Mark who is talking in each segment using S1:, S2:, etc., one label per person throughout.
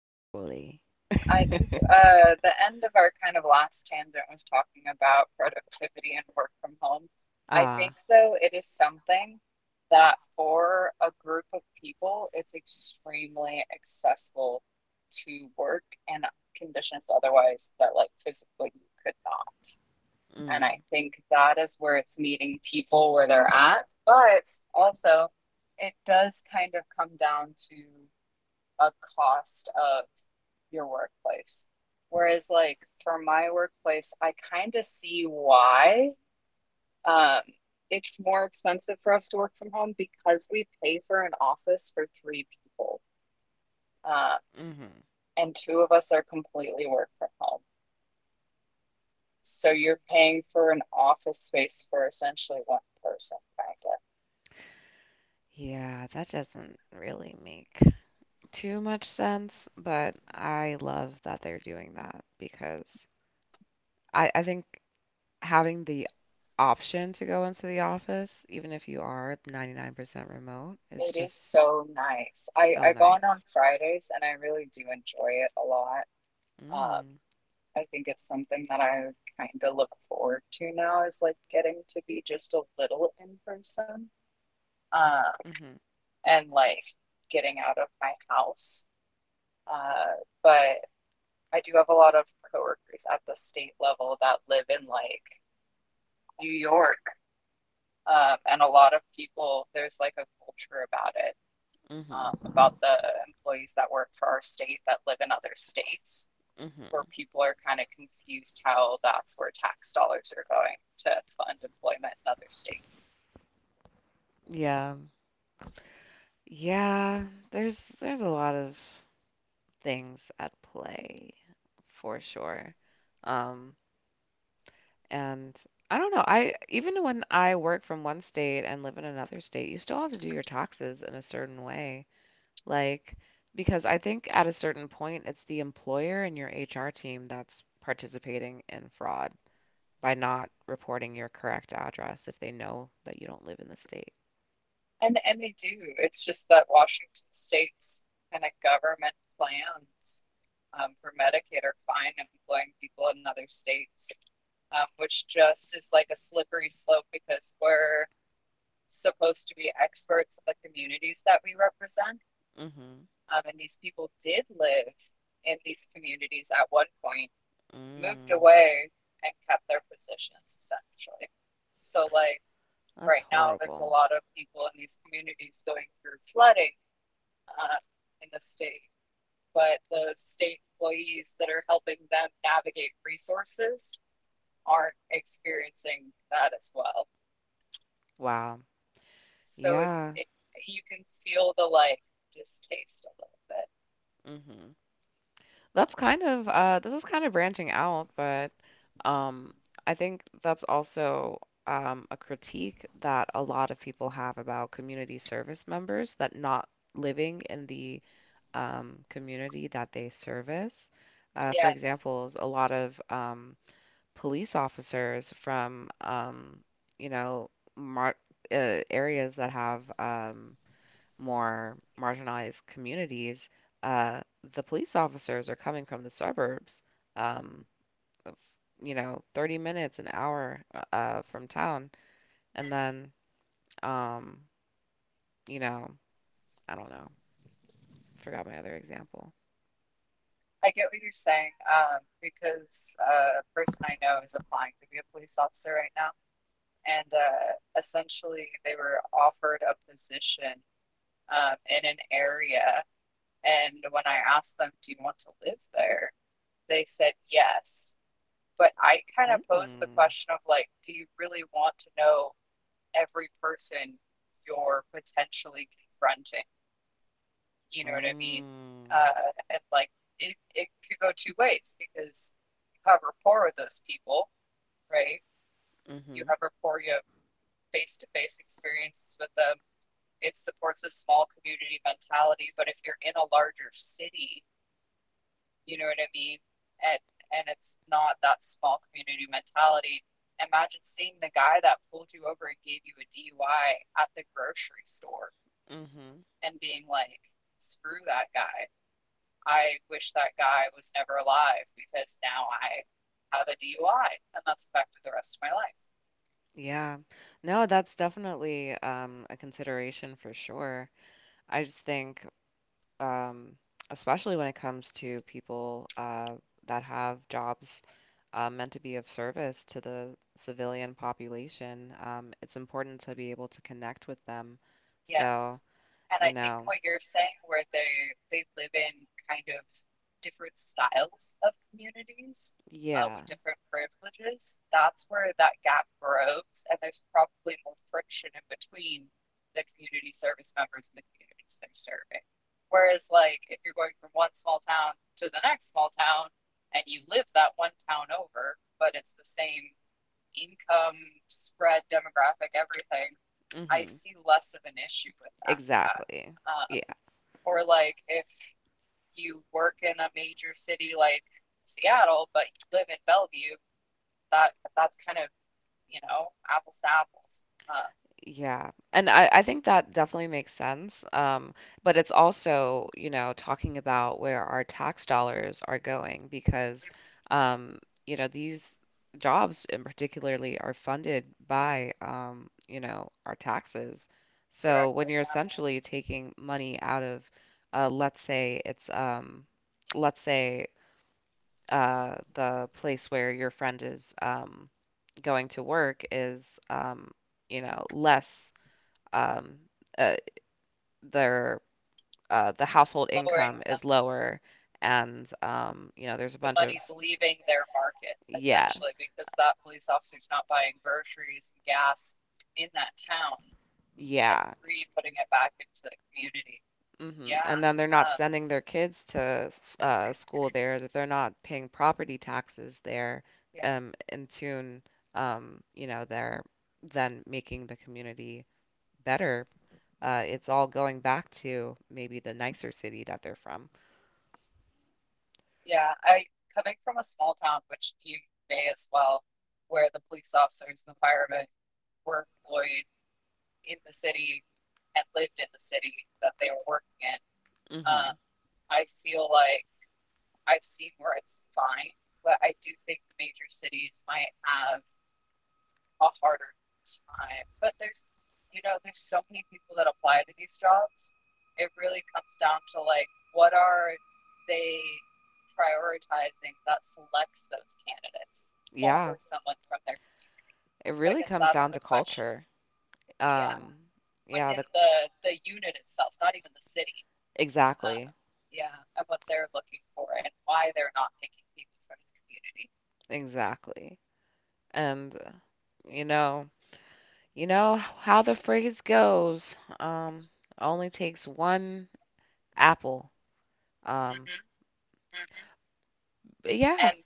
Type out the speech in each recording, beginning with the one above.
S1: actually.
S2: I think the end of our kind of last tangent was talking about productivity and work from home. I think,
S1: Ah,
S2: though, it is something that for a group of people, it's extremely accessible to work in conditions otherwise that, like, physically you could not. And I
S1: mm,
S2: think that is where it's meeting people where they're at. But also, it does kind of come down to a cost of your workplace. Whereas, like for my workplace, I kind of see why um, it's more expensive for us to work from home because we pay for an office for three people, uh,
S1: hmm.
S2: and two of us are completely work from home. So you're paying for an office space for essentially one person, kind of.
S1: Yeah, that doesn't really make too much sense, but I love that they're doing that because I think having the option to go into the office, even if you are 99% remote, is
S2: It is
S1: just
S2: so nice. I
S1: so
S2: go on
S1: nice.
S2: Fridays, and I really do enjoy it a lot. Um,
S1: Mm,
S2: I think it's something that I kind of look forward to now is like getting to be just a little in person uh,
S1: mm-hmm,
S2: and like getting out of my house. Uh, but I do have a lot of coworkers at the state level that live in like New York, and a lot of people, there's like a culture about it,
S1: mm-hmm,
S2: about the employees that work for our state that live in other states, where
S1: mm-hmm.
S2: people are kind of confused how that's where tax dollars are going to fund employment in other states.
S1: Yeah. Yeah, there's a lot of things at play for sure. Um, and I don't know. I even when I work from one state and live in another state, you still have to do your taxes in a certain way. Like, because I think at a certain point, it's the employer and your HR team that's participating in fraud by not reporting your correct address if they know that you don't live in the state.
S2: And they do. It's just that Washington state's kind of government plans for Medicaid are fine employing people in other states, which just is like a slippery slope because we're supposed to be experts of the communities that we represent.
S1: Hmm.
S2: And these people did live in these communities at one point, moved
S1: Mm.
S2: away, and kept their positions essentially. So, like
S1: That's
S2: right now, there's a
S1: horrible.
S2: lot of people in these communities going through flooding uh, in the state, but the state employees that are helping them navigate resources aren't experiencing that as well.
S1: Wow.
S2: So,
S1: Yeah.
S2: you can feel the like distaste a little bit.
S1: Hmm. That's kind of this is kind of branching out, but um I think that's also a critique that a lot of people have about community service members that not living in the community that they service. For
S2: Yes.
S1: example, a lot of police officers from you know mar areas that have more marginalized communities, uh, the police officers are coming from the suburbs, um, of, you know, 30 minutes, an hour from town. And then, um, you know, I don't know. Forgot my other example.
S2: I get what you're saying because a person I know is applying to be a police officer right now, and essentially they were offered a position in an area. And when I asked them, "Do you want to live there?" they said yes. But I kind of
S1: Mm,
S2: posed the
S1: mm,
S2: question of like, "Do you really want to know every person you're potentially confronting?" You know what I mean? And like, it could go two ways because you have rapport with those people, right? You
S1: mm-hmm,
S2: have rapport, you have face to face experiences with them. It supports a small community mentality, but if you're in a larger city, you know what I mean, and it's not that small community mentality. Imagine seeing the guy that pulled you over and gave you a dui at the grocery store
S1: mm-hmm.
S2: and being like, screw that guy. I wish that guy was never alive because now I have a dui and that's affected the rest of my life.
S1: Yeah. No, that's definitely a consideration for sure. I just think um, especially when it comes to people that have jobs meant to be of service to the civilian population. It's important to be able to connect with them. So,
S2: Yes. And
S1: you
S2: I think
S1: know,
S2: what you're saying where they live in kind of different styles of communities,
S1: yeah,
S2: with different privileges, that's where that gap grows, and there's probably more friction in between the community service members and the communities they're serving. Whereas, like, if you're going from one small town to the next small town and you live that one town over, but it's the same income spread, demographic, everything, I
S1: hmm,
S2: see less of an issue with that.
S1: exactly.
S2: Uh,
S1: Yeah.
S2: or like if you work in a major city like Seattle, but you live in Bellevue, that's kind of you know apples to apples.
S1: Yeah. And I think that definitely makes sense. But it's also, you know, talking about where our tax dollars are going because, um, you know, these jobs in particularly are funded by, you know, our taxes. So when
S2: Directly,
S1: you're
S2: yeah.
S1: essentially taking money out of, let's say it's, let's say, the place where your friend is, going to work is, you know, less um, uh, their the household
S2: Lower
S1: income
S2: income,
S1: is lower, and you know, there's a
S2: the
S1: bunch of
S2: money's leaving their market
S1: yeah,
S2: essentially because that police officer's not buying groceries and gas in that town and
S1: yeah.
S2: re putting it back into the community.
S1: Hmm.
S2: Yeah.
S1: And then they're not
S2: Um,
S1: sending their kids to school there, that they're not paying property taxes there, in tune, you know, they're then making the community better. It's all going back to maybe the nicer city that they're from.
S2: Yeah, I coming from a small town, which you may as well, where the police officers and the firemen were employed in the city and lived in the city that they were working in. Um,
S1: Hmm.
S2: I feel like I've seen where it's fine, but I do think major cities might have a harder time. But there's, you know, there's so many people that apply to these jobs. It really comes down to like, what are they prioritizing that selects those candidates
S1: Yeah,
S2: over someone from their community?
S1: it
S2: So I
S1: really
S2: guess
S1: comes
S2: that's
S1: down
S2: the
S1: to
S2: question.
S1: culture.
S2: Yeah,
S1: Um, yeah,
S2: within
S1: the
S2: the unit itself, not even the city. Uh,
S1: Exactly.
S2: yeah, and what they're looking for and why they're not picking people from the community.
S1: Exactly. And you know, how the phrase goes, only takes one apple. Um,
S2: Mm-hmm, mm-hmm.
S1: but yeah.
S2: And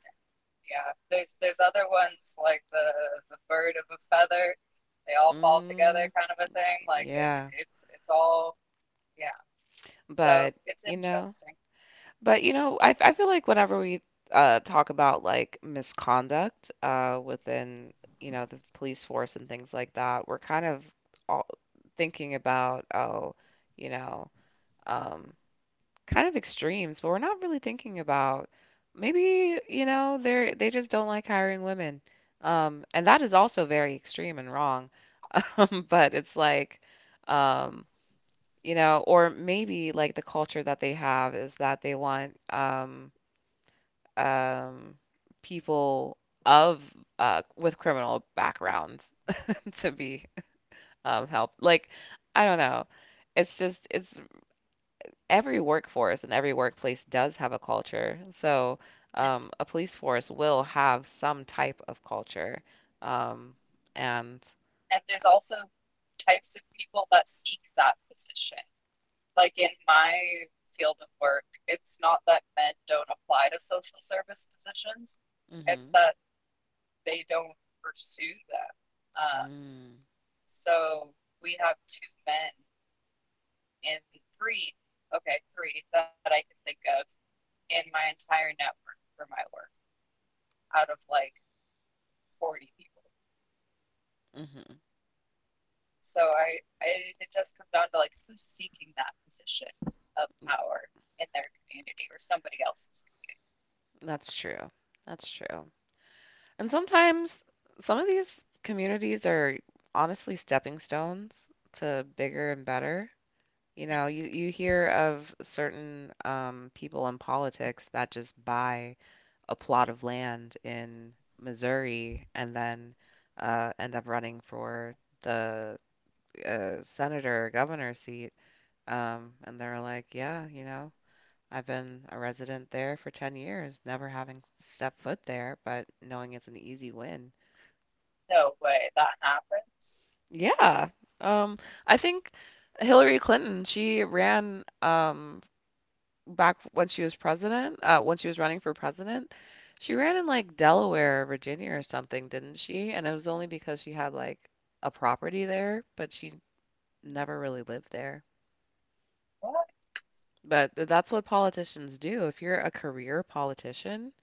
S2: yeah, there's other ones like the bird of a feather. They all fall together,
S1: Mm,
S2: kind of a thing. Like it,
S1: yeah.
S2: it's it's all yeah. So
S1: But,
S2: it's
S1: you know,
S2: interesting.
S1: but you know, I feel like whenever we talk about like misconduct within, you know, the police force and things like that, we're kind of all thinking about, oh, you know, um, kind of extremes, but we're not really thinking about maybe, you know, they just don't like hiring women. And that is also
S2: Mm-hmm.
S1: very extreme and wrong. But it's like, um, you know, or maybe like the culture that they have is that they want um, people of with criminal backgrounds to be helped. Like, I don't know. It's just it's every workforce and every workplace does have a culture. So, a police force will have some type of culture. Um, and
S2: And there's also types of people that seek that position. Like in my field of work, it's not that men don't apply to social service positions; it's
S1: mm-hmm,
S2: that they don't pursue them. Uh, so we have two men and three, okay, three that I can think of in my entire network for my work out of like 40 people.
S1: hmm, mm hmm
S2: So I it does come down to like who's seeking that position of power in their community or somebody else's.
S1: That's true. That's true. And sometimes some of these communities are honestly stepping stones to bigger and better. You know, you,
S2: Mhm.
S1: you hear of certain people in politics that just buy a plot of land in Missouri and then end up running for the senator or governor seat. And they're like, yeah, you know, I've been a resident there for 10 years, never having stepped foot there, but knowing it's an easy win.
S2: No way that happens.
S1: Yeah. Um, I think Hillary Clinton, she ran back when she was president, when she was running for president, she ran in like Delaware or Virginia or something, didn't she? And it was only because she had like a property there, but she never really lived there.
S2: What
S1: But that's what politicians do. If you're a career politician,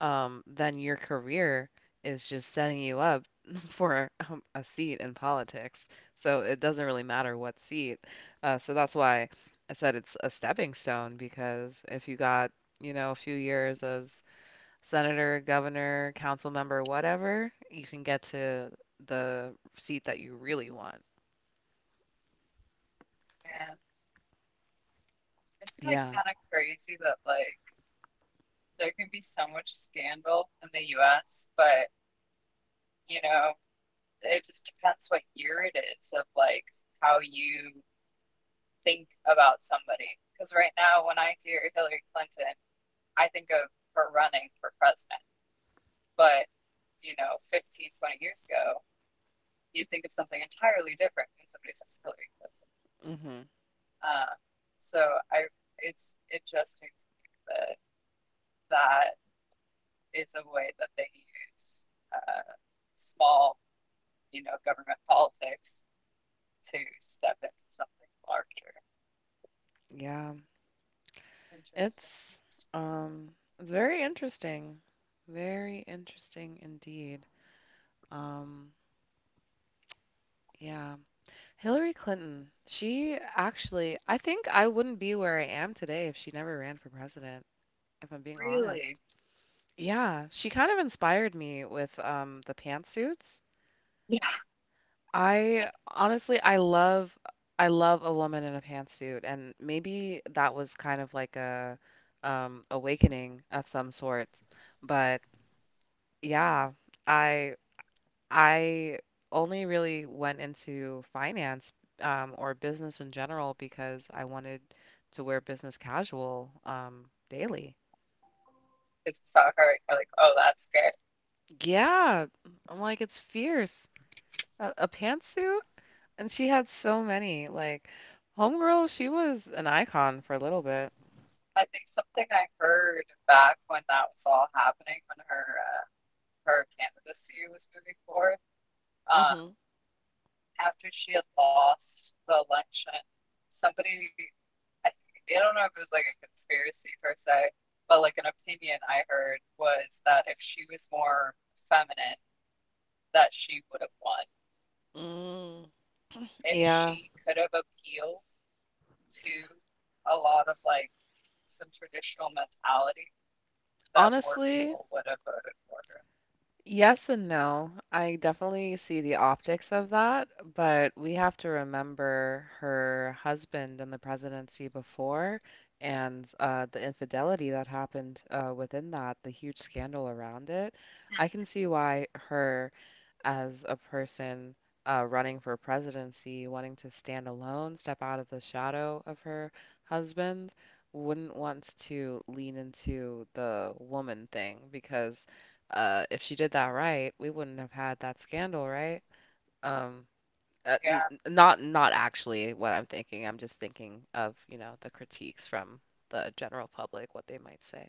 S1: then your career is just setting you up for a seat in politics. So it doesn't really matter what seat. So that's why I said it's a stepping stone because if you got, you know, a few years as senator, governor, council member, whatever, you can get to the seat that you really want.
S2: man? Isn't it
S1: Yeah.
S2: kind of crazy that like there can be so much scandal in the U.S., but you know it just depends what year it is of like how you think about somebody. Because right now, when I hear Hillary Clinton, I think of her running for president. But, you know, 15, 20 years ago, you'd think of something entirely different when somebody says Hillary Clinton.
S1: Hmm.
S2: Uh, so I, it's interesting to hear that that is a way that they use uh, small, you know, government politics to step into something larger.
S1: Yeah.
S2: Interesting.
S1: It's um it's very interesting. Very interesting indeed. Um, yeah. Hillary Clinton, she actually, I think I wouldn't be where I am today if she never ran for president, if I'm being
S2: Really?
S1: honest. Yeah, she kind of inspired me with the pantsuits.
S2: Yeah.
S1: I honestly, I love, I love a woman in a pantsuit, and maybe that was kind of like a awakening of some sort. But yeah, I I only really went into finance or business in general because I wanted to wear business casual daily.
S2: Because I saw her, you're like, oh, that's good.
S1: Yeah, I'm like, it's fierce. A pantsuit? And she had so many. Like, homegirl, she was an icon for a little bit.
S2: I think something I heard back when that was all happening, when her candidacy was moving forward, um,
S1: Hmm.
S2: after she had lost the election, somebody, I think, I don't know if it was like a conspiracy per se, but like an opinion I heard was that if she was more feminine, that she would have won.
S1: Mm.
S2: If
S1: Yeah.
S2: she could have appealed to a lot of like some traditional mentality, that more
S1: Honestly,
S2: people would have voted for her.
S1: yes and no. I definitely see the optics of that, but we have to remember her husband and the presidency before and the infidelity that happened within that, the huge scandal around it. I
S2: Yeah.
S1: can see why her as a person running for presidency, wanting to stand alone, step out of the shadow of her husband, wouldn't want to lean into the woman thing because if she did that right, we wouldn't have had that scandal, right? Um, n
S2: Yeah.
S1: Not not actually what I'm thinking. I'm just thinking of, you know, the critiques from the general public, what they might say.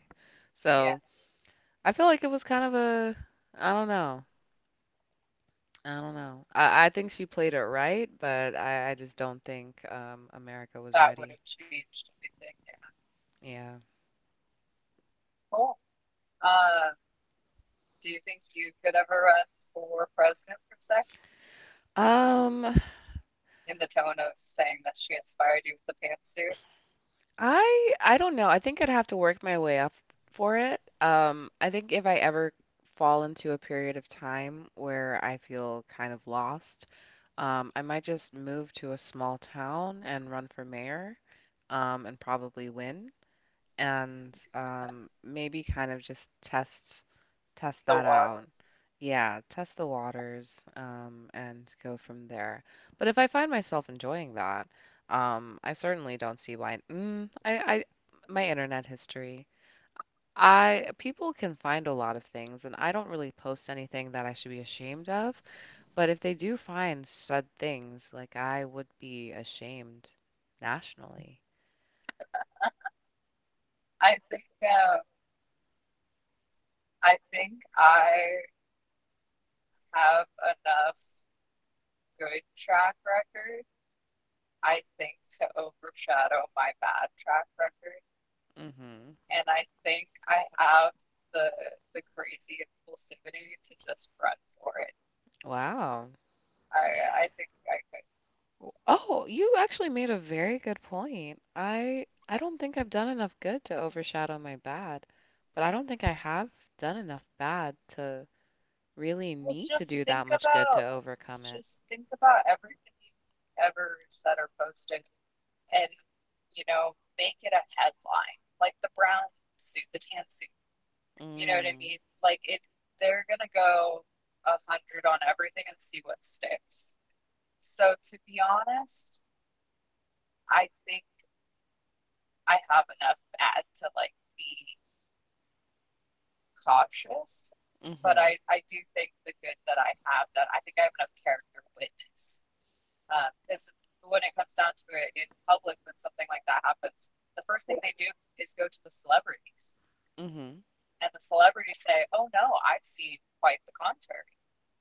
S2: Yeah,
S1: So I feel like it was kind of a, I don't know. I don't know. I think she played it right, but I just don't think America was
S2: that would
S1: ready.
S2: have changed anything. Yeah.
S1: Yeah.
S2: Cool. Uh, do you think you could ever run for president for a sec?
S1: Um,
S2: In the tone of saying that she inspired you with the pantsuit,
S1: I don't know. I think I'd have to work my way up for it. I think if I ever fall into a period of time where I feel kind of lost, I might just move to a small town and run for mayor, and probably win. And maybe kind of just test
S2: the
S1: that
S2: waters.
S1: out. Yeah, test the waters and go from there. But if I find myself enjoying that, I certainly don't see why. My internet history. I people can find a lot of things, and I don't really post anything that I should be ashamed of. But if they do find said things, like I would be ashamed nationally.
S2: I think um, I think I have enough good track record, I think, to overshadow my bad track record.
S1: Hmm.
S2: And I think I have the the crazy impulsivity to just run for it.
S1: Wow.
S2: I think I could.
S1: Oh, you actually made a very good point. I don't think I've done enough good to overshadow my bad, but I don't think I have done enough bad to really
S2: Well,
S1: need to do that much good to overcome it.
S2: just think about everything you've ever said or posted and, you know, make it a headline. Like the brown suit, the tan suit. You know what I
S1: Mm,
S2: mean? Like it they're gonna go a hundred on everything and see what sticks. So to be honest, I think I have enough bad to like be cautious. But
S1: mm-hmm,
S2: I do think the good that I have that I think I have enough character witness. Because when it comes down to it, in public, when something like that happens, the first thing they do is go to the celebrities,
S1: mm-hmm.
S2: and the celebrities say, "Oh no, I've seen quite the contrary,"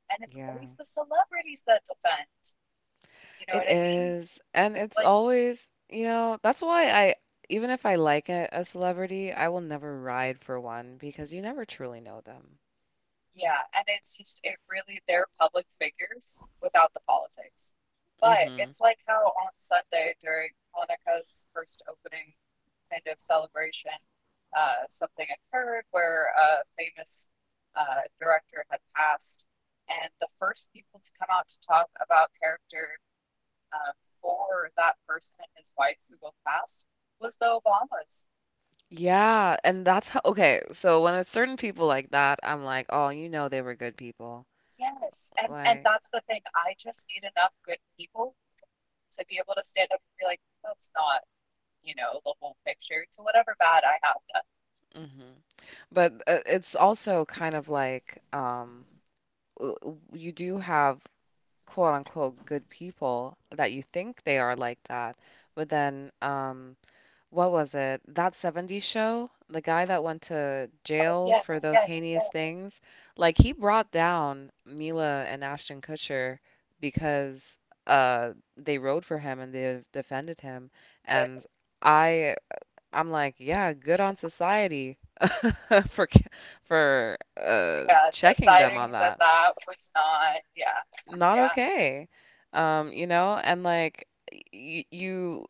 S2: and it's
S1: Yeah,
S2: always the celebrities that defend. You know what
S1: it
S2: I mean?
S1: is. And it's
S2: Like,
S1: always, that's why I, even if I like a celebrity, I will never ride for one because you never truly know them.
S2: yeah, and it's just it really they're public figures without the politics. But it's like how on Sunday during Hanukkah's first opening kind of celebration, something occurred where a famous director had passed, and the first people to come out to talk about character uh, for that person and his wife who both passed was the Obamas.
S1: Yeah, and that's how, okay, so when it's certain people like that, I'm like, oh, you know they were good people.
S2: Yes, and
S1: Like,
S2: that's the thing. I just need enough good people to be able to stand up and be like, that's not you know the whole picture to whatever bad I have done.
S1: mhm. But it's also kind of like you do have quote unquote good people that you think they are like that, but then what was it? That 70s show, the guy that went to
S2: Oh
S1: jail for
S2: yes,
S1: those
S2: yes,
S1: heinous
S2: yes.
S1: things, like he brought down Mila and Ashton Kutcher because they rode for him and they
S2: Yeah,
S1: defended
S2: that
S1: him.
S2: did happen.
S1: And I I'm like, yeah, good on society for
S2: Yeah,
S1: checking them on
S2: deciding that
S1: that.
S2: that was not, yeah,
S1: Not
S2: yeah,
S1: okay. You know, and like y- you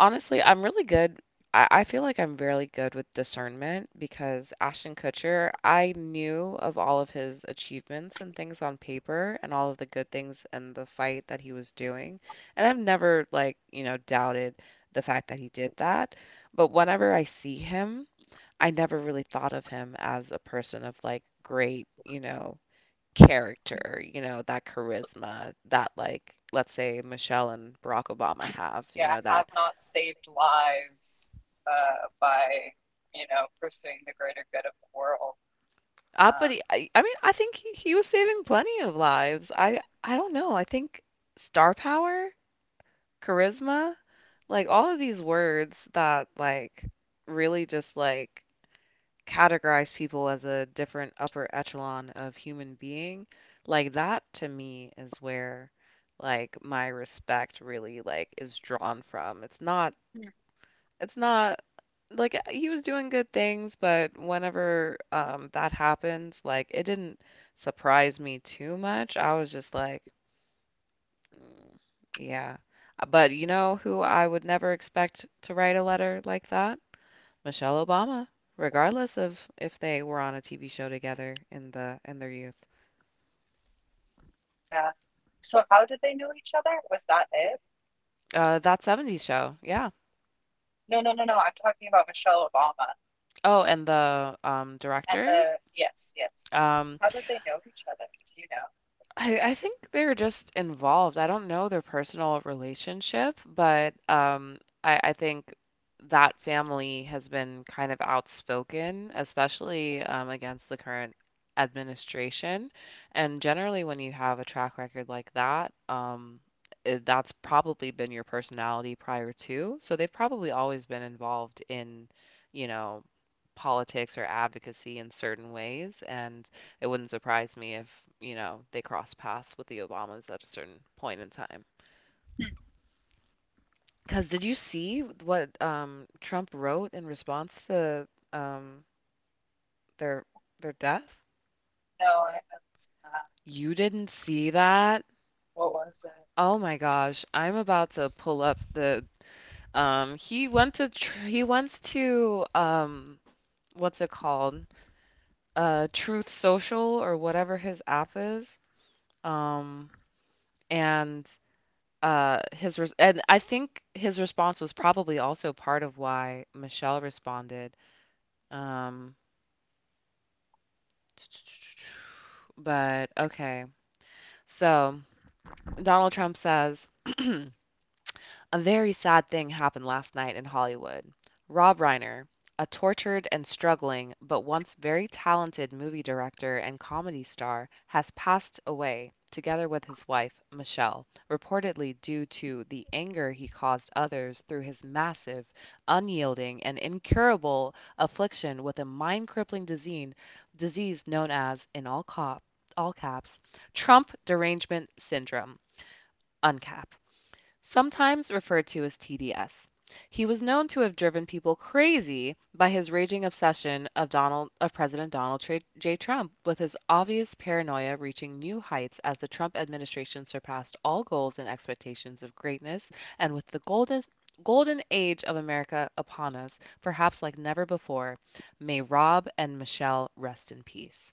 S1: honestly, I'm really good. I feel like I'm really good with discernment because Ashton Kutcher, I knew of all of his achievements and things on paper and all of the good things and the fight that he was doing. And I've never, like, you know, doubted the fact that he did that. But whenever I see him, I never really thought of him as a person of like great, you know, character, you know, that charisma that like let's say Michelle and Barack Obama have, you
S2: yeah,
S1: know, that
S2: have not saved lives by, you know, pursuing the greater good of the world.
S1: But
S2: Um,
S1: he, I mean, I think he was saving plenty of lives. I don't know. I think star power, charisma, like all of these words that like really just like categorize people as a different upper echelon of human being, like that to me is where like my respect really like is drawn from. It's not,
S2: Hmm.
S1: it's not like he was doing good things, but whenever that happened, like it didn't surprise me too much. I was just like, "Mm, yeah. But you know who I would never expect to write a letter like that? Michelle Obama, regardless of if they were on a TV show together in their youth.
S2: Yeah. So how did they know each other? Was that it?
S1: That 70s show, yeah.
S2: No, no, no, no. I'm talking about Michelle Obama
S1: Oh, and the
S2: and
S1: directors.
S2: yes, yes.
S1: Um,
S2: How did they know each other? Do you know?
S1: I think they're just involved. I don't know their personal relationship, but I think that family has been kind of outspoken, especially against the current administration. And generally, when you have a track record like that, it, that's probably been your personality prior to. So they've probably always been involved in, you know, politics or advocacy in certain ways. And it wouldn't surprise me if, you know, they cross paths with the Obamas at a certain point in time.
S2: Hmm.
S1: Because did you see what Trump wrote in response to um, their their death?
S2: No, I haven't seen that.
S1: You didn't see that?
S2: What was it?
S1: Oh my gosh, I'm about to pull up the he went to what's it called? Truth Social or whatever his app is. Um and and I think his response was probably also part of why Michelle responded. Um, but okay. So Donald Trump says. A very sad thing happened last night in Hollywood. Rob Reiner, a tortured and struggling, but once very talented movie director and comedy star, has passed away, together with his wife, Michelle, reportedly due to the anger he caused others through his massive, unyielding, and incurable affliction with a mind crippling disease known as, in all, cop, all caps, Trump Derangement Syndrome, Uncap sometimes referred to as TDS. He was known to have driven people crazy by his raging obsession of Donald of President Donald J. Trump, with his obvious paranoia reaching new heights as the Trump administration surpassed all goals and expectations of greatness, and with the golden age of America upon us, perhaps like never before. May Rob and Michelle rest in peace.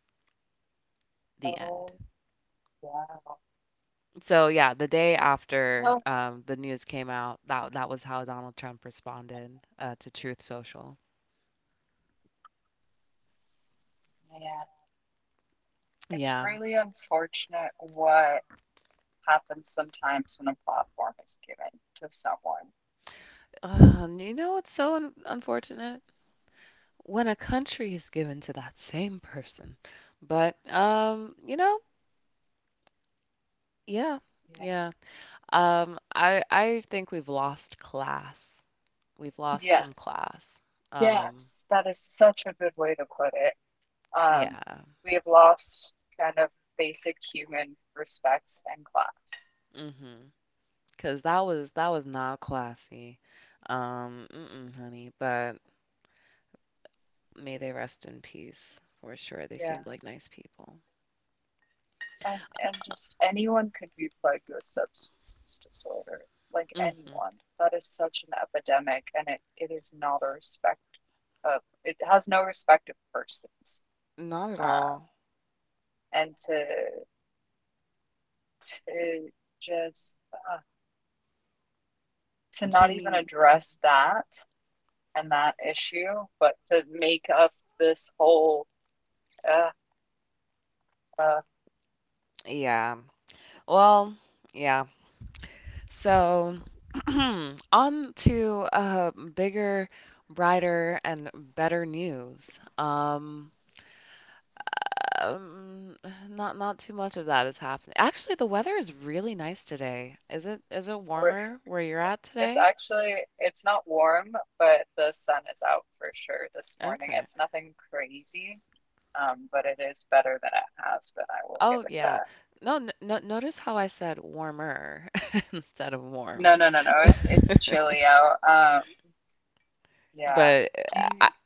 S1: The end.
S2: Oh, wow.
S1: So yeah, the day after
S2: Oh,
S1: the news came out, that that was how Donald Trump responded to Truth Social.
S2: man. It's
S1: Yeah,
S2: really unfortunate what happens sometimes when a platform is given to someone.
S1: uh, you know it's so un unfortunate when a country is given to that same person. But you know, yeah,
S2: Yeah.
S1: yeah. I think we've lost class. We've lost some
S2: Yes.
S1: class. Um,
S2: Yes. That is such a good way to put it. Um,
S1: yeah.
S2: We have lost kind of basic human respects and class.
S1: Mhm. 'Cause that was not classy. Mm-mm, honey. But may they rest in peace for sure. They
S2: Yeah.
S1: seemed like nice people.
S2: And just anyone could be plagued with substance use disorder. Like
S1: Hmm.
S2: anyone. That is such an epidemic and it is not a respect of it has no respect of persons.
S1: Not at
S2: Uh,
S1: all.
S2: and to just to not even
S1: T.
S2: address that and that issue, but to make up this whole uh, uh,
S1: Yeah. Well, yeah. So, on to bigger, brighter, and better news. Um, not too much of that is happening. Actually, the weather is really nice today. Is it
S2: we're,
S1: warmer where you're at
S2: it's
S1: today?
S2: actually it's not warm, but the sun is out for sure this morning.
S1: Okay.
S2: It's nothing crazy, but it is better than it has been. I will give
S1: Oh
S2: it
S1: yeah.
S2: that.
S1: No, no, notice how I said warmer instead of warm.
S2: No, no, no, no. It's chilly out. Yeah.
S1: But
S2: Do
S1: uh,
S2: you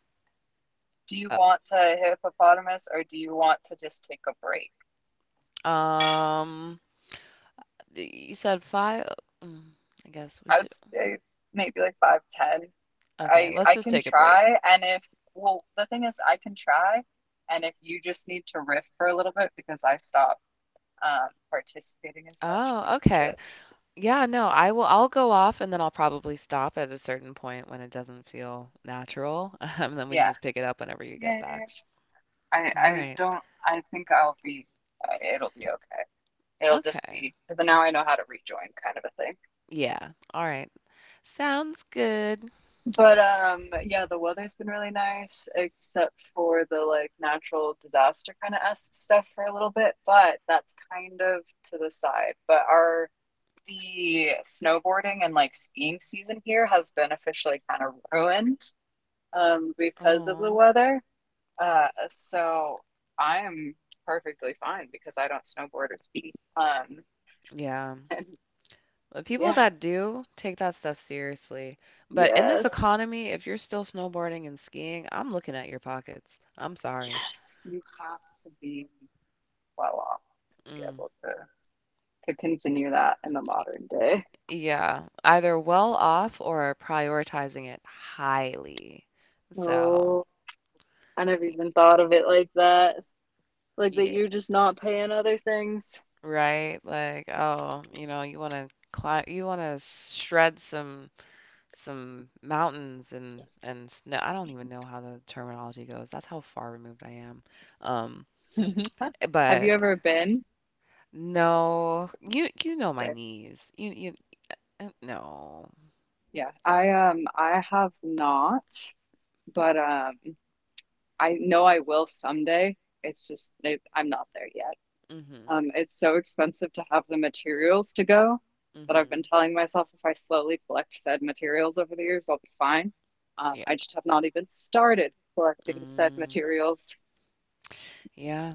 S2: do you
S1: I,
S2: want to hippopotamus or do you want to just take a break?
S1: uh, um, you said five. Mm, I guess we
S2: I would
S1: should.
S2: say maybe like 5:10.
S1: Okay,
S2: I
S1: let's
S2: I
S1: just
S2: can
S1: take a break.
S2: try, and if well, the thing is, I can try, and if you just need to riff for a little bit because I stop participating as much, we
S1: Oh,
S2: can
S1: okay.
S2: just
S1: Yeah, no, I will. I'll go off, and then I'll probably stop at a certain point when it doesn't feel natural, and then we can
S2: yeah
S1: just pick it up whenever you
S2: yeah.
S1: get
S2: Yeah,
S1: back.
S2: yeah. I
S1: All
S2: I
S1: right.
S2: don't. I think I'll be. It'll be okay. It'll just
S1: Okay.
S2: be because now I know how to rejoin, kind of a thing.
S1: Yeah. All right. Sounds good.
S2: But yeah, the weather's been really nice except for the like natural disaster kind of esque stuff for a little bit, but that's kind of to the side. But our the snowboarding and like skiing season here has been officially kind of ruined because of the
S1: Oh,
S2: weather. So I am perfectly fine because I don't snowboard or ski. Um
S1: yeah.
S2: and
S1: The people
S2: yeah.
S1: that do take that stuff seriously. But in this
S2: Yes.
S1: economy, if you're still snowboarding and skiing, I'm looking at your pockets. I'm sorry.
S2: Yes. You have to be well off to be
S1: Mm.
S2: able to. To continue that in the
S1: y-
S2: modern day.
S1: Yeah, either well off or prioritizing it highly. So,
S2: Oh, I never
S1: y-
S2: even thought of it like that. Like that
S1: yeah,
S2: you're just not paying other things.
S1: right? Like, oh, you know, you want to climb, you want to shred some mountains and snow. I don't even know how the terminology goes. That's how far removed I am. Um,
S2: Have
S1: but
S2: you ever been?
S1: No, you know my
S2: Stay.
S1: knees. You no.
S2: Yeah, I I have not, but I know I will someday. It's just I'm not there yet.
S1: Mhm.
S2: It's so expensive to have the materials to go that I've been
S1: Mhm.
S2: telling myself if I slowly collect said materials over the years, I'll be fine.
S1: Yeah.
S2: I just have not even started collecting said
S1: Mm.
S2: materials.
S1: Yeah.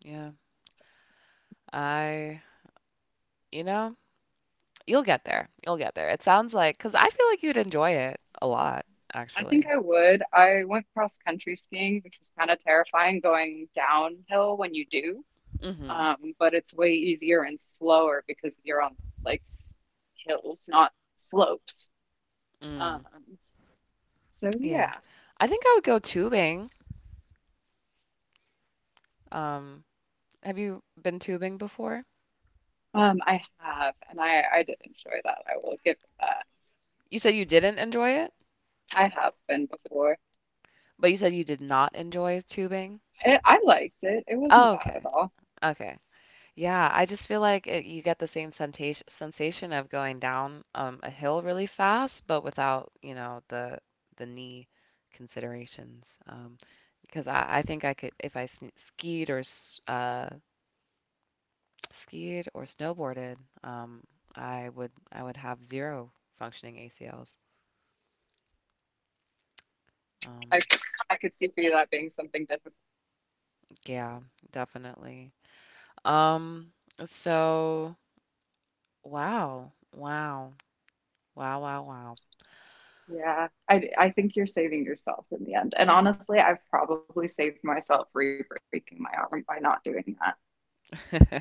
S1: Yeah. I you know, you'll get there. You'll get there. It sounds like, cause I feel like you'd enjoy it a lot
S2: I think
S1: actually.
S2: I would. I went cross country skiing, which was kind of terrifying going downhill when you do.
S1: Mhm.
S2: But it's way easier and slower because you're on like hills, not slopes.
S1: Mm.
S2: Um, so
S1: Yeah.
S2: yeah.
S1: I think I would go tubing. Um, have you been tubing before?
S2: I have, and I did enjoy that. I will give it that.
S1: You said you didn't enjoy it,
S2: I have been before.
S1: but you said you did not enjoy tubing.
S2: I liked it. It wasn't
S1: Oh,
S2: bad
S1: okay.
S2: at all.
S1: Okay. Yeah, I just feel like it, you get the same sensation of going down a hill really fast, but without, you know, the knee considerations. Because I think I could, if I skied or snowboarded, um, I would have zero functioning ACLs. Um,
S2: I I could see for you that being something difficult.
S1: yeah, definitely. Um, so wow, wow, wow, wow,
S2: Yeah, I think you're saving yourself in the end. And honestly, I've probably saved myself re-breaking my arm by not doing that.
S1: wow.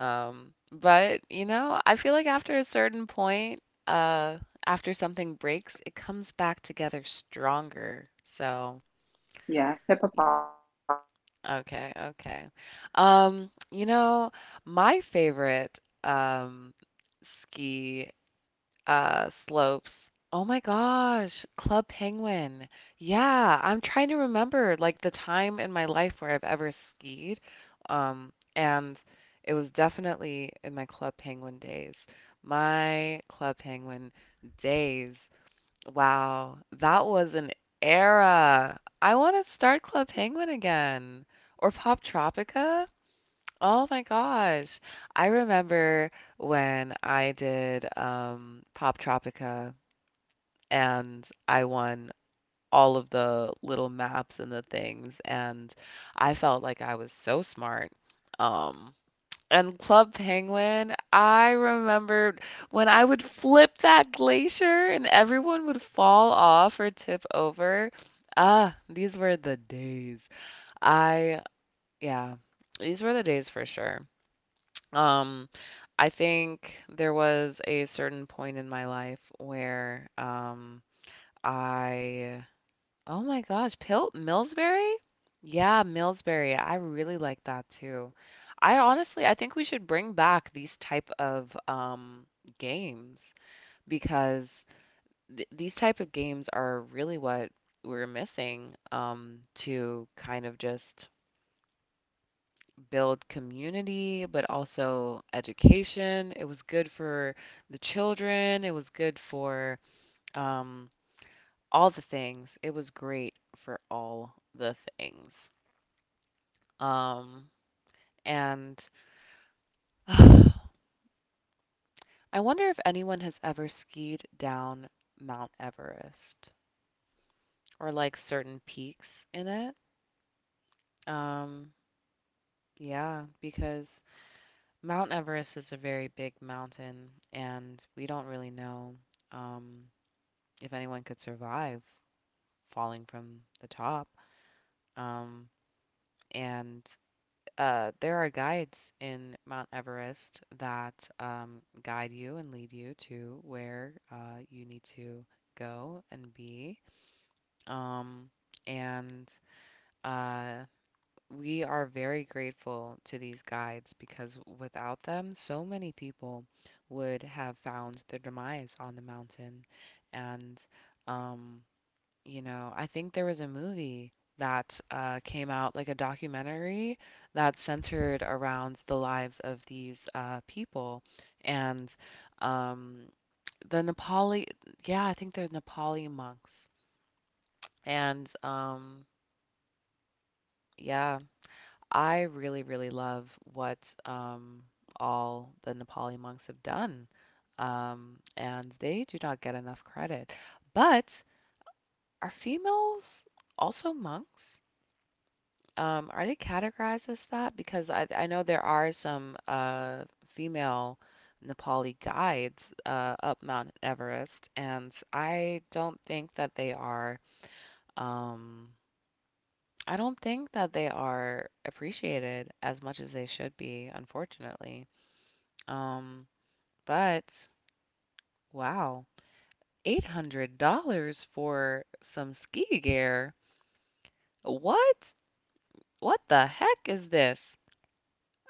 S1: But you know, I feel like after a certain point, after something breaks, it comes back together stronger. So,
S2: Yeah, hippopotamus, by the way. I just for a minute.
S1: okay, okay. You know, my favorite ski slopes. Oh my gosh, Club Penguin. Yeah, I'm trying to remember like the time in my life where I've ever skied. And it was definitely in my Club Penguin days. My Club Penguin days. Wow, that was an era. I want to start Club Penguin again or Pop Tropica. Oh my gosh. I remember when I did Pop Tropica and I won all of the little maps and the things, and I felt like I was so smart. Um, and Club Penguin, I remembered when I would flip that glacier and everyone would fall off or tip over. Ah, these were the days. I, yeah, these were the days for sure. Um, I think there was a certain point in my life where I oh my gosh, Pil Millsberry? Yeah, Millsberry. I really like that too. I honestly, I think we should bring back these type of games because th these type of games are really what we're missing to kind of just build community, but also education. It was good for the children. It was good for um, all the things. It was great for all the things. Um, and uh, I wonder if anyone has ever skied down Mount Everest or like certain peaks in it. Um, yeah, because Mount Everest is a very big mountain, and we don't really know. Um, if anyone could survive falling from the top. Um, and there are guides in Mount Everest that guide you and lead you to where you need to go and be. Um, and uh, we are very grateful to these guides because without them, so many people would have found their demise on the mountain. And um, you know, I think there was a movie that came out, like a documentary that centered around the lives of these people. And um, the Nepali, yeah, I think they're Nepali monks. And yeah, I really, really love what um, all the Nepali monks have done. And they do not get enough credit. But are females also monks? Are they categorized as that? Because I know there are some female Nepali guides up Mount Everest, and I don't think that they are um appreciated as much as they should be, unfortunately. Um, but wow, $800 for some ski gear. What? What the heck is this?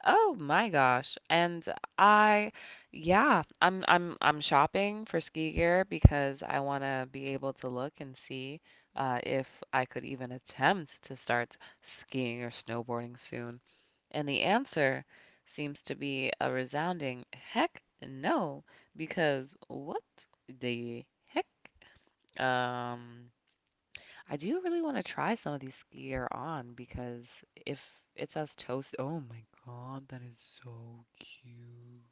S1: Oh my gosh. And I yeah, I'm shopping for ski gear because I want to be able to look and see if I could even attempt to start skiing or snowboarding soon. And the answer seems to be a resounding heck no, because what the heck? Um I do really want to try some of these ski gear on because if it says toast, oh my God, that is so cute.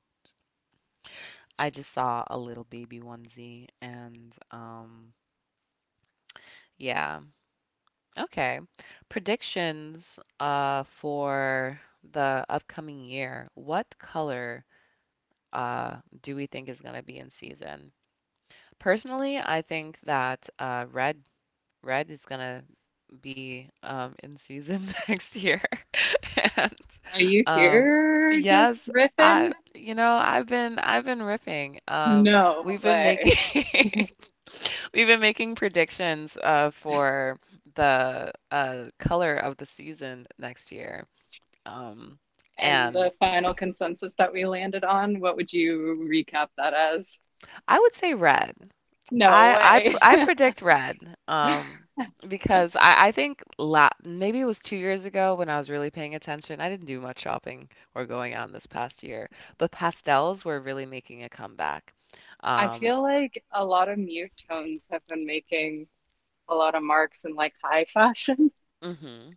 S1: I just saw a little baby onesie and yeah. Okay. Predictions for the upcoming year. What color uh do we think is going to be in season? Personally, I think that Red is gonna be in season next year. And
S2: Are you
S1: um,
S2: here just
S1: yes, I
S2: riffing?
S1: you know, I've been riffing.
S2: No
S1: We've been making
S2: way.
S1: we've been making predictions for the color of the season next year. Um,
S2: And
S1: and
S2: the final consensus that we landed on, what would you recap that as?
S1: I would say red.
S2: No way.
S1: I predict red. Because I think maybe it was 2 years ago when I was really paying attention. I didn't do much shopping or going out this past year, but pastels were really making a comeback.
S2: I
S1: Um,
S2: feel like a lot of mute tones have been making a lot of marks in like high fashion.
S1: mhm.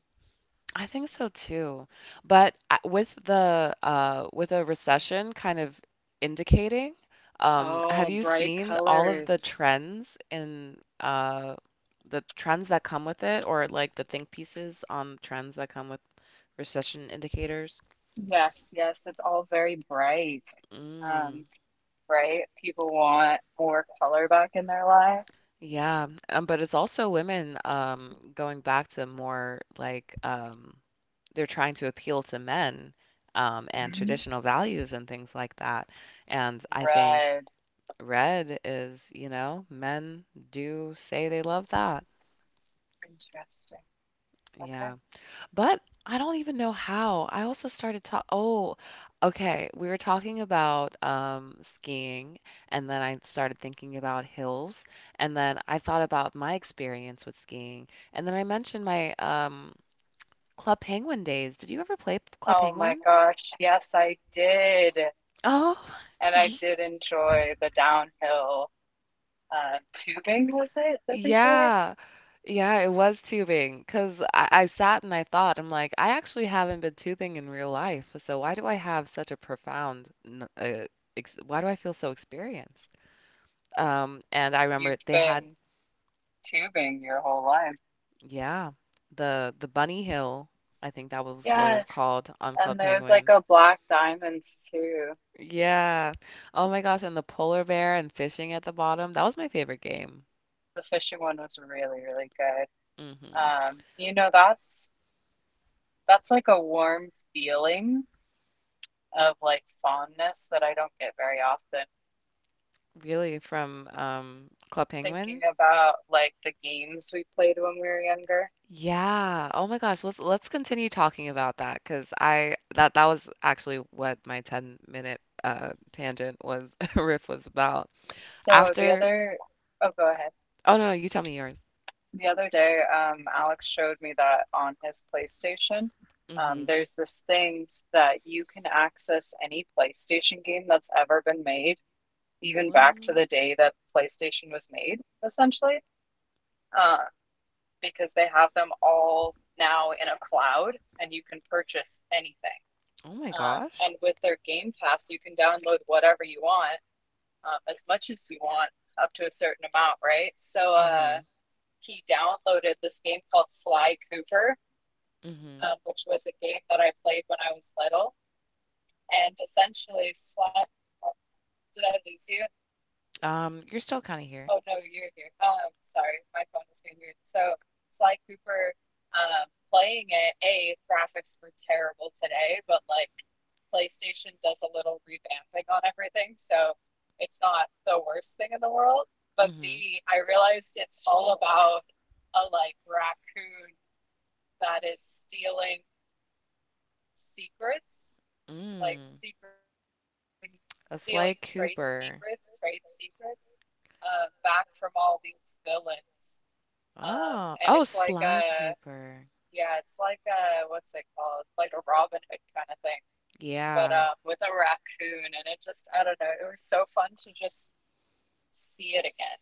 S1: I think so too. But with the with a recession kind of indicating,
S2: Oh,
S1: have you
S2: bright
S1: seen all of the
S2: colors.
S1: trends in the trends that come with it, or like the think pieces on trends that come with recession indicators.
S2: Yes, yes, it's all very bright.
S1: Mm.
S2: Um, right? People want more color back in their lives.
S1: Yeah, but it's also women going back to more like they're trying to appeal to men and
S2: Mhm.
S1: traditional values and things like that. And I think
S2: Red.
S1: red is, you know, men do say they love that.
S2: Interesting. Okay.
S1: Yeah. But I don't even know how. I also started to oh, okay. We were talking about skiing, and then I started thinking about hills, and then I thought about my experience with skiing, and then I mentioned my Club Penguin days. Did you ever play Club
S2: Oh my
S1: Penguin?
S2: gosh, yes, I did.
S1: Oh,
S2: And I did enjoy the downhill tubing, was it that they did?
S1: Yeah. Yeah, it was tubing because I sat and I thought, I'm like, I actually haven't been tubing in real life, so why do I have such a profound, kn- ex why do I feel so experienced? And I remember
S2: You've
S1: they had,
S2: been tubing your whole life.
S1: yeah, the Bunny Hill, I think that was what it was
S2: Yes.
S1: called on
S2: And
S1: Club
S2: there was like
S1: Penguin.
S2: a black diamonds too.
S1: Yeah. Oh my gosh, and the polar bear and fishing at the bottom. That was my favorite game.
S2: The fishing one was really, really good.
S1: Hmm.
S2: You know, that's like a warm feeling of like fondness that I don't get very often.
S1: Really, from Club
S2: Thinking
S1: Penguin?
S2: about like the games we played when we were younger.
S1: Yeah. Oh my gosh, let's continue talking about that because I that that was actually what my 10 minute tangent was riff was about.
S2: So the
S1: After.
S2: other, oh, go ahead.
S1: Oh no, no, you tell me yours.
S2: The other day, Alex showed me that on his PlayStation,
S1: Mm-hmm.
S2: there's this thing that you can access any PlayStation game that's ever been made, even back to
S1: What?
S2: the day that PlayStation was made, essentially, uh, because they have them all now in a cloud and you can purchase anything.
S1: Oh my gosh.
S2: And with their Game Pass, you can download whatever you want, as much as you want, up to a certain amount, right? So,
S1: Mm-hmm.
S2: he downloaded this game called Sly Cooper,
S1: Mm-hmm.
S2: which was a game that I played when I was little. And essentially, Sly, oh, did I lose you?
S1: You're still kind of
S2: Oh
S1: here.
S2: no, you're here. Sorry, my phone was being weird. So Sly Cooper, playing it. A, graphics were terrible today, but like PlayStation does a little revamping on everything, so it's not the worst thing in the world. But
S1: Mm-hmm.
S2: B, I realized it's all about a like raccoon that is stealing secrets, like
S1: Mm.
S2: secret raccoon
S1: A Sly
S2: stealing trade
S1: Cooper.
S2: secrets, trade secrets, back from all these villains.
S1: Oh.
S2: And
S1: Oh,
S2: it's like
S1: Sly
S2: a,
S1: Cooper.
S2: yeah, it's like a, what's it called? Like a Robin Hood kind of thing, but
S1: Yeah.
S2: with a raccoon. And it just, I don't know, it was so fun to just see it again.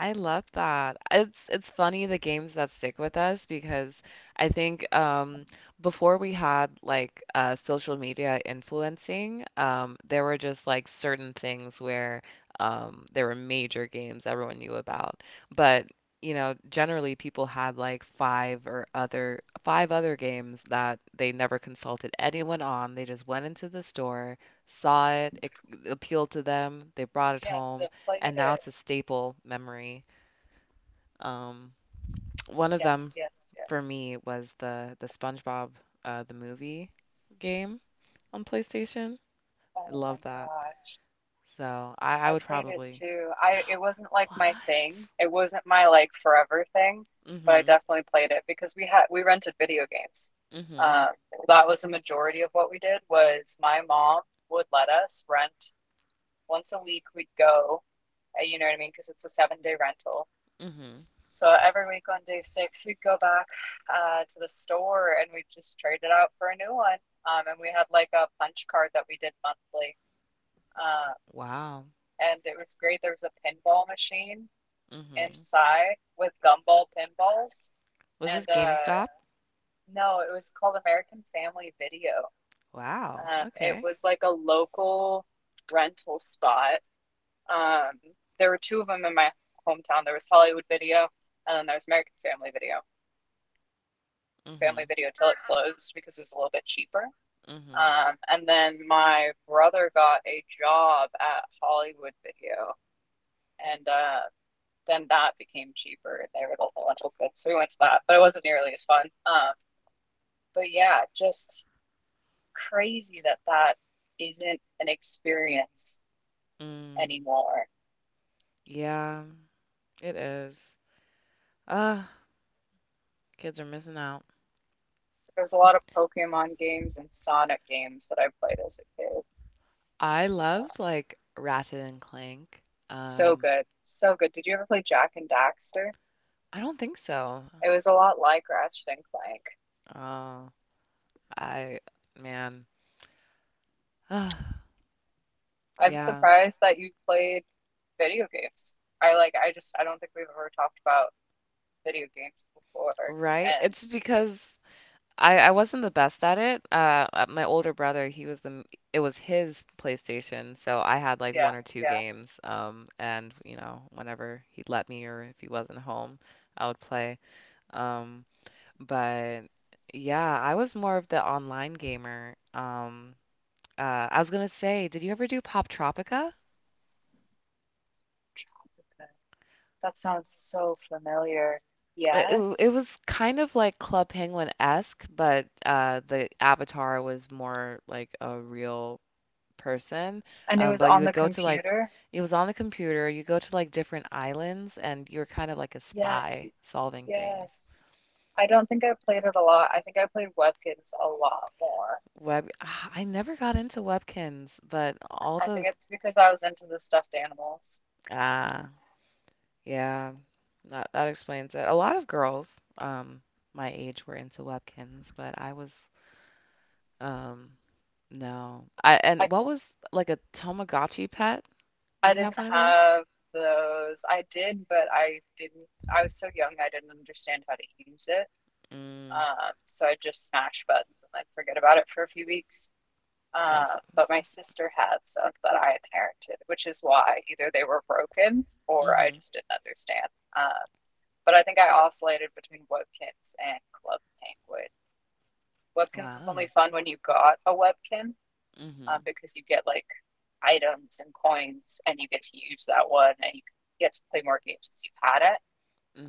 S1: I love that. It's funny the games that stick with us because I think before we had like social media influencing, there were just like certain things where there were major games everyone knew about. But you know, generally people had like five or other five other games that they never consulted anyone on. They just went into the store, saw it, it appealed to them, they brought it
S2: Yes, it
S1: home,
S2: played it.
S1: and now it's a staple memory. Um, One of
S2: Yes,
S1: them
S2: yes, yes.
S1: for me was the SpongeBob the movie game on PlayStation. I
S2: Oh my
S1: love that.
S2: gosh.
S1: So I
S2: I
S1: would
S2: played it
S1: probably…
S2: too. I it wasn't like my thing.
S1: What?
S2: It wasn't my like forever thing, but I
S1: Mhm.
S2: definitely played it because we rented video games.
S1: Mhm.
S2: Uh, that was a majority of what we did was my mom would let us rent once a week. We'd go, you know what I mean, because it's a seven-day rental.
S1: Mhm.
S2: So every week on day 6, we'd go back to the store and we'd just trade it out for a new one. And we had like a punch card that we did monthly. Uh,
S1: Wow.
S2: and it was great. There was a pinball machine
S1: Mhm.
S2: inside with gumball pinballs.
S1: Was
S2: And
S1: this GameStop?
S2: no, it was called American Family Video.
S1: Wow.
S2: It
S1: Okay.
S2: was like a local rental spot. Um, there were two of them in my hometown. There was Hollywood Video, and then there was American Family Video. We went to American
S1: Mhm.
S2: Family Video till it closed because it was a little bit cheaper.
S1: Mhm.
S2: And then my brother got a job at Hollywood Video, and then that became cheaper and they were the lentil goods. So we went to that, but it wasn't nearly as fun. But yeah, just crazy that that isn't an experience
S1: Mm.
S2: anymore.
S1: Yeah, it is. Ah, kids are missing out.
S2: There's a lot of Pokemon games and Sonic games that I played as a kid.
S1: I
S2: Uh,
S1: loved like Ratchet and Clank.
S2: so
S1: Um,
S2: good. So good. Did you ever play Jack and Daxter?
S1: I don't think so.
S2: It was a lot like Ratchet and Clank.
S1: Oh, I, man.
S2: I'm
S1: Yeah,
S2: surprised that you played video games. I like I just I don't think we've ever talked about video games before.
S1: right?
S2: And
S1: It's because I wasn't the best at it. My older brother, he was the— it was his PlayStation, so I had like
S2: yeah,
S1: one or two
S2: yeah.
S1: games. And you know, whenever he'd let me or if he wasn't home, I would play. Um, but yeah, I was more of the online gamer. I was gonna say, did you ever do Pop Tropica?
S2: Tropica. That sounds so familiar.
S1: It
S2: Yes.
S1: was kind of like Club Penguin-esque, but the avatar was more like a real person.
S2: And it was
S1: But you
S2: on
S1: would
S2: the
S1: go to like,
S2: computer?
S1: it was on the computer, you go to like different islands, and you're kind of like a
S2: Yes.
S1: spy solving things.
S2: Yes. I don't think I played it a lot. I think I played Webkins a lot more.
S1: I never got into Webkins, but
S2: I think it's because I was into the stuffed animals.
S1: ah, yeah, that explains it. A lot of girls, my age were into Webkins, but I was, um, no. I—
S2: I
S1: and what was like a Tamagotchi pet? Did
S2: I
S1: you have
S2: didn't
S1: one of those?
S2: have those. I did, but I didn't. I was so young, I didn't understand how to use it.
S1: Mm.
S2: So I just smashed buttons and then forget about it for a few weeks.
S1: Oh,
S2: But my sister had some that I inherited, which is why either they were broken or I
S1: mhm.
S2: just didn't understand. Uh, but I think I oscillated between Webkins and Club Penguin. Webkins was only
S1: Wow.
S2: fun when you got a Webkin
S1: Mhm.
S2: because you get like items and coins and you get to use that one and you get to play more games because you had it.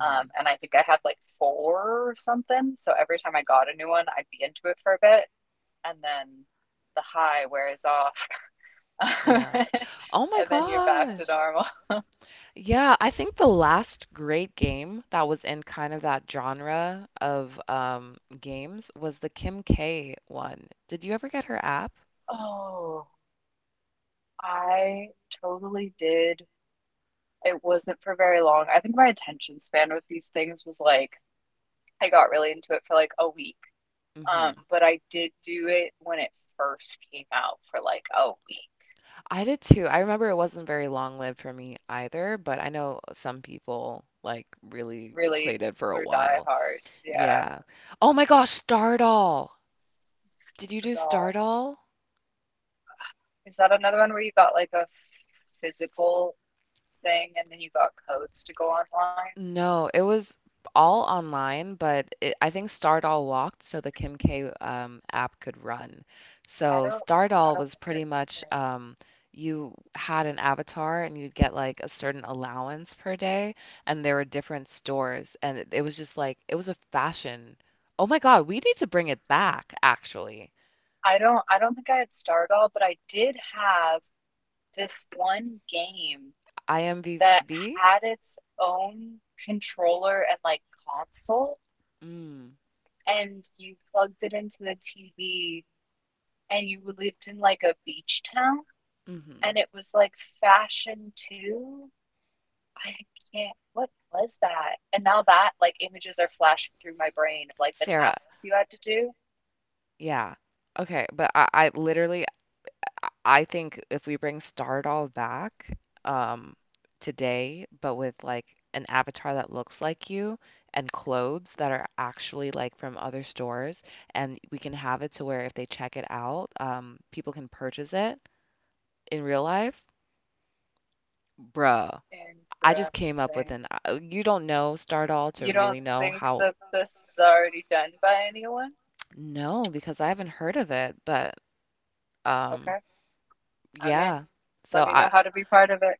S2: And I think I had like four or something. So every time I got a new one, I'd be into it for a bit and then the high wears off and
S1: Yeah. Oh my
S2: then you're back to
S1: gosh.
S2: normal.
S1: Yeah, I think the last great game that was in kind of that genre of games was the Kim K one. Did you ever get her app?
S2: Oh, I totally did. It wasn't for very long. I think my attention span with these things was like, I got really into it for like a week.
S1: Hmm.
S2: But I did do it when it first came out for like a week.
S1: I did too. I remember it wasn't very long lived for me either, but I know some people like really
S2: Really,
S1: played it for a
S2: we're
S1: while.
S2: diehards. Yeah.
S1: Yeah. Oh my gosh, Stardoll. Did you do
S2: Start off.
S1: Stardoll?
S2: Is that another one where you got like a physical thing and then you got codes to go online?
S1: No, it was all online, but it, I think Stardoll walked so the Kim K app could run.
S2: I
S1: So
S2: don't, I
S1: Stardoll
S2: don't
S1: was
S2: think I
S1: pretty much
S2: remember.
S1: you had an avatar and you'd get like a certain allowance per day, and there were different stores, and it was just like it was a fashion. Oh my God, we need to bring it back, actually.
S2: I don't think I had Stardoll, but I did have this one game that
S1: IMVB?
S2: had its own controller and like console
S1: Mm,
S2: and you plugged it into the TV and you lived in like a beach town and
S1: hmm.
S2: it was like fashion Two. I can't what was that? And now that like images are flashing through my brain of like the
S1: Sarah,
S2: tasks you had to do.
S1: yeah. Okay, but I literally— I I think if we bring Stardoll back um today, but with like an avatar that looks like you and clothes that are actually like from other stores, and we can have it to where if they check it out, people can purchase it in real life. Bruh, I just came up with
S2: Interesting.
S1: an you don't know Stardoll to
S2: You don't
S1: really know
S2: think
S1: how.
S2: that this is already done by anyone?
S1: No, because I haven't heard of it, but um
S2: Okay, I'm in.
S1: yeah. So
S2: Let me
S1: I—
S2: know how to be part of it.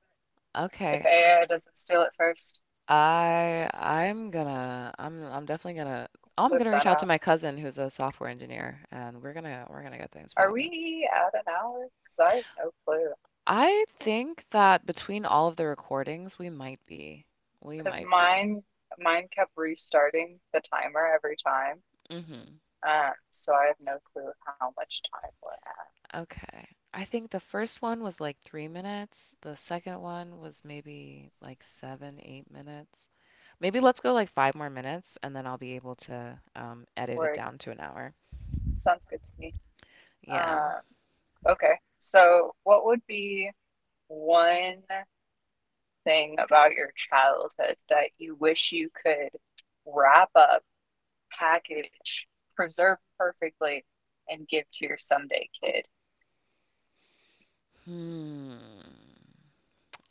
S2: If
S1: okay.
S2: AI doesn't steal it first,
S1: I I'm gonna I'm definitely gonna— oh, I'm
S2: flip
S1: gonna reach
S2: that
S1: out to
S2: out.
S1: my cousin who's a software engineer and we're gonna get things
S2: Are
S1: popping.
S2: we at an hour? Because I have no clue.
S1: I think that between all of the recordings we might be. We
S2: Because
S1: might be.
S2: mine, mine kept restarting the timer every time.
S1: Mm-hmm.
S2: So I have no clue how much time we're at.
S1: Okay. I think the first one was like 3 minutes. The second one was maybe like seven, 8 minutes. Maybe let's go like five more minutes and then I'll be able to edit it
S2: Word
S1: down to an hour.
S2: sounds good to me.
S1: Yeah.
S2: Um, okay. So what would be one thing about your childhood that you wish you could wrap up? Package preserved perfectly and give to your someday kid.
S1: Hmm.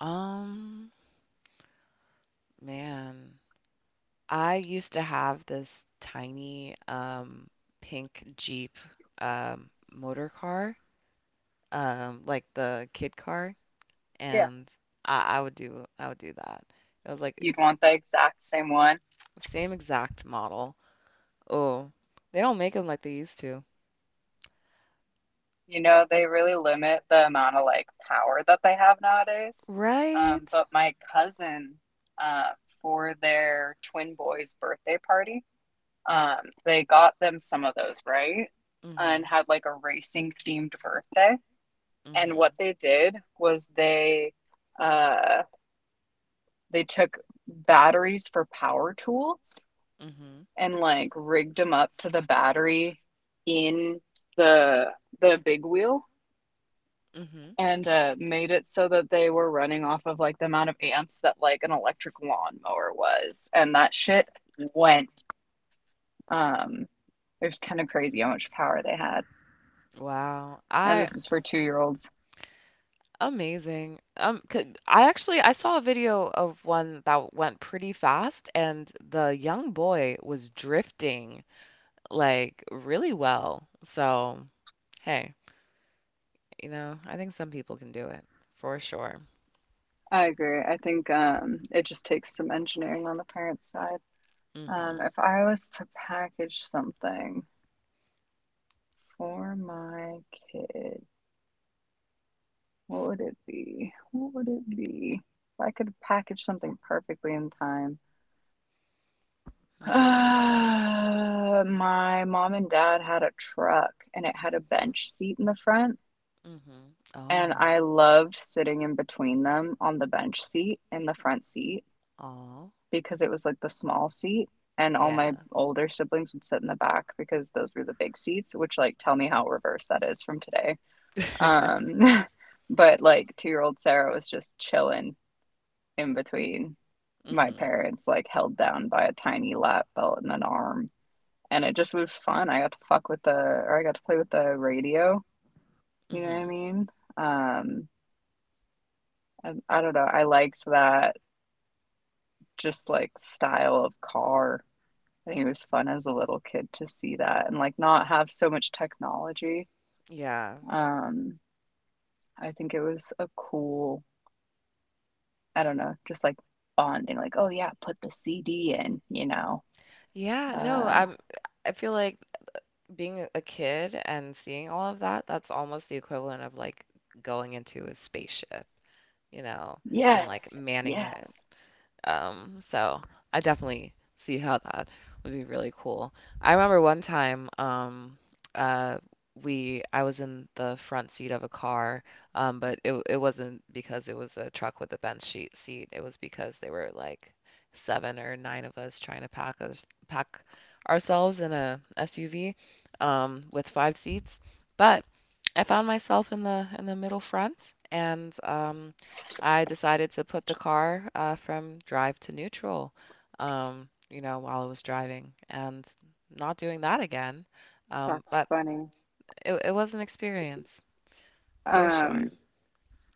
S1: Um, Man. I used to have this tiny pink Jeep motor car, like the kid car,
S2: Yeah.
S1: and I would do that. It was like
S2: You'd want the exact same one.
S1: same exact model. Oh, they don't make them like they used to.
S2: You know, they really limit the amount of like power that they have nowadays.
S1: Right?
S2: But my cousin, uh, for their twin boy's birthday party, um, they got them some of those, right? And
S1: Mm-hmm.
S2: had like a racing themed birthday. And
S1: Mm-hmm.
S2: what they did was uh they took batteries for power tools
S1: Mm-hmm.
S2: and like rigged them up to the battery in the the big wheel
S1: Mm-hmm.
S2: and made it so that they were running off of like the amount of amps that like an electric lawnmower was. And that shit went um it was kind of crazy how much power they had,
S1: Wow.
S2: and
S1: I—
S2: this is for 2 year olds.
S1: amazing. 'Cause I actually I saw a video of one that went pretty fast, and the young boy was drifting like really well. So, hey, you know, I think some people can do it for sure.
S2: I agree. I think it just takes some engineering on the parents side.
S1: Mm-hmm.
S2: If I was to package something for my kid. What would it be? What would it be? If I could package something perfectly in time. My mom and dad had a truck and it had a bench seat in the front,
S1: Mm-hmm.
S2: and
S1: Oh,
S2: I loved sitting in between them on the bench seat in the front seat
S1: oh,
S2: because it was like the small seat, and all
S1: yeah.
S2: my older siblings would sit in the back because those were the big seats, which like tell me how reverse that is from today. Um, but like two-year-old Sarah was just chilling in between my
S1: Mm-hmm.
S2: parents, like held down by a tiny lap belt and an arm. And it just was fun. I got to fuck with the, or I got to play with the radio. You know what I
S1: Mm-hmm.
S2: mean? Um, and I don't know. I liked that just like style of car. I think it was fun as a little kid to see that and like not have so much technology.
S1: Yeah.
S2: Um, I think it was a cool, I don't know, just like bonding, like, oh yeah, put the CD in,
S1: Yeah, no,
S2: Uh,
S1: I'm I feel like being a kid and seeing all of that, that's almost the equivalent of like going into a spaceship, you know, and like
S2: yes,
S1: manning it.
S2: yes.
S1: So I definitely see how that would be really cool. I remember one time, uh, we— I was in the front seat of a car, but it wasn't because it was a truck with a bench seat. It was because there were like seven or nine of us trying to pack ourselves in a SUV, with five seats. But I found myself in the middle front, and I decided to put the car from drive to neutral, you know, while I was driving and— not doing that again.
S2: That's
S1: But
S2: funny.
S1: it, it was an experience for sure.
S2: Um,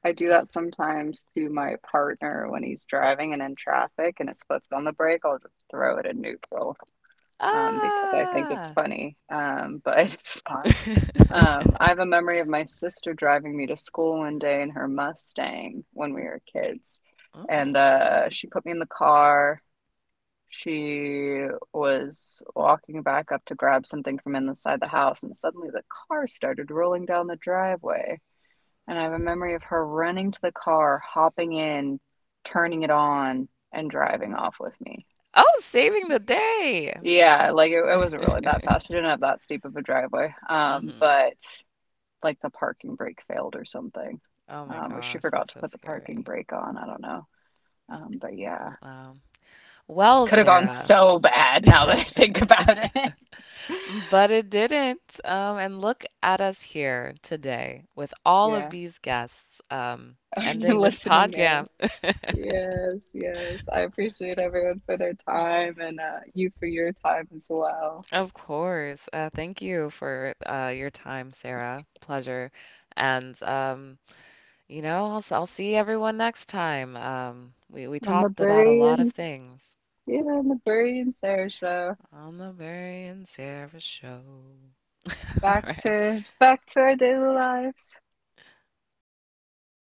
S2: I do that sometimes to my partner when he's driving and in traffic and his foot's on the brake. I'll just throw it in neutral, because I think it's
S1: Ah!
S2: funny, but it's not. I have a memory of my sister driving me to school one day in her Mustang when we were kids. And
S1: Oh.
S2: she put me in the car. She was walking back up to grab something from inside the house, and suddenly the car started rolling down the driveway. And I have a memory of her running to the car, hopping in, turning it on, and driving off with me.
S1: Oh, saving the day.
S2: Yeah, like it wasn't really that fast. We didn't have that steep of a driveway.
S1: Hmm.
S2: But like the parking brake failed or something.
S1: Oh my
S2: Or she
S1: gosh,
S2: forgot
S1: that's
S2: to
S1: so
S2: put the parking
S1: scary.
S2: brake on. I don't know. But yeah,
S1: Wow. Well,
S2: could have gone
S1: Sarah.
S2: so bad now that I think about it.
S1: But it didn't. And look at us here today with all of
S2: Yeah,
S1: these guests ending this
S2: listening
S1: podcast.
S2: in. Yes, yes. I appreciate everyone for their time and you for your time as well.
S1: Of course. Thank you for your time, Sarah. Pleasure. And you know, I'll, I'll see everyone next time. We
S2: On the
S1: talked about a
S2: Bury
S1: lot of
S2: and
S1: things
S2: yeah, on the Bury and Sarah show.
S1: on the Barry and Sarah show. All
S2: Back
S1: right.
S2: to back to our daily lives.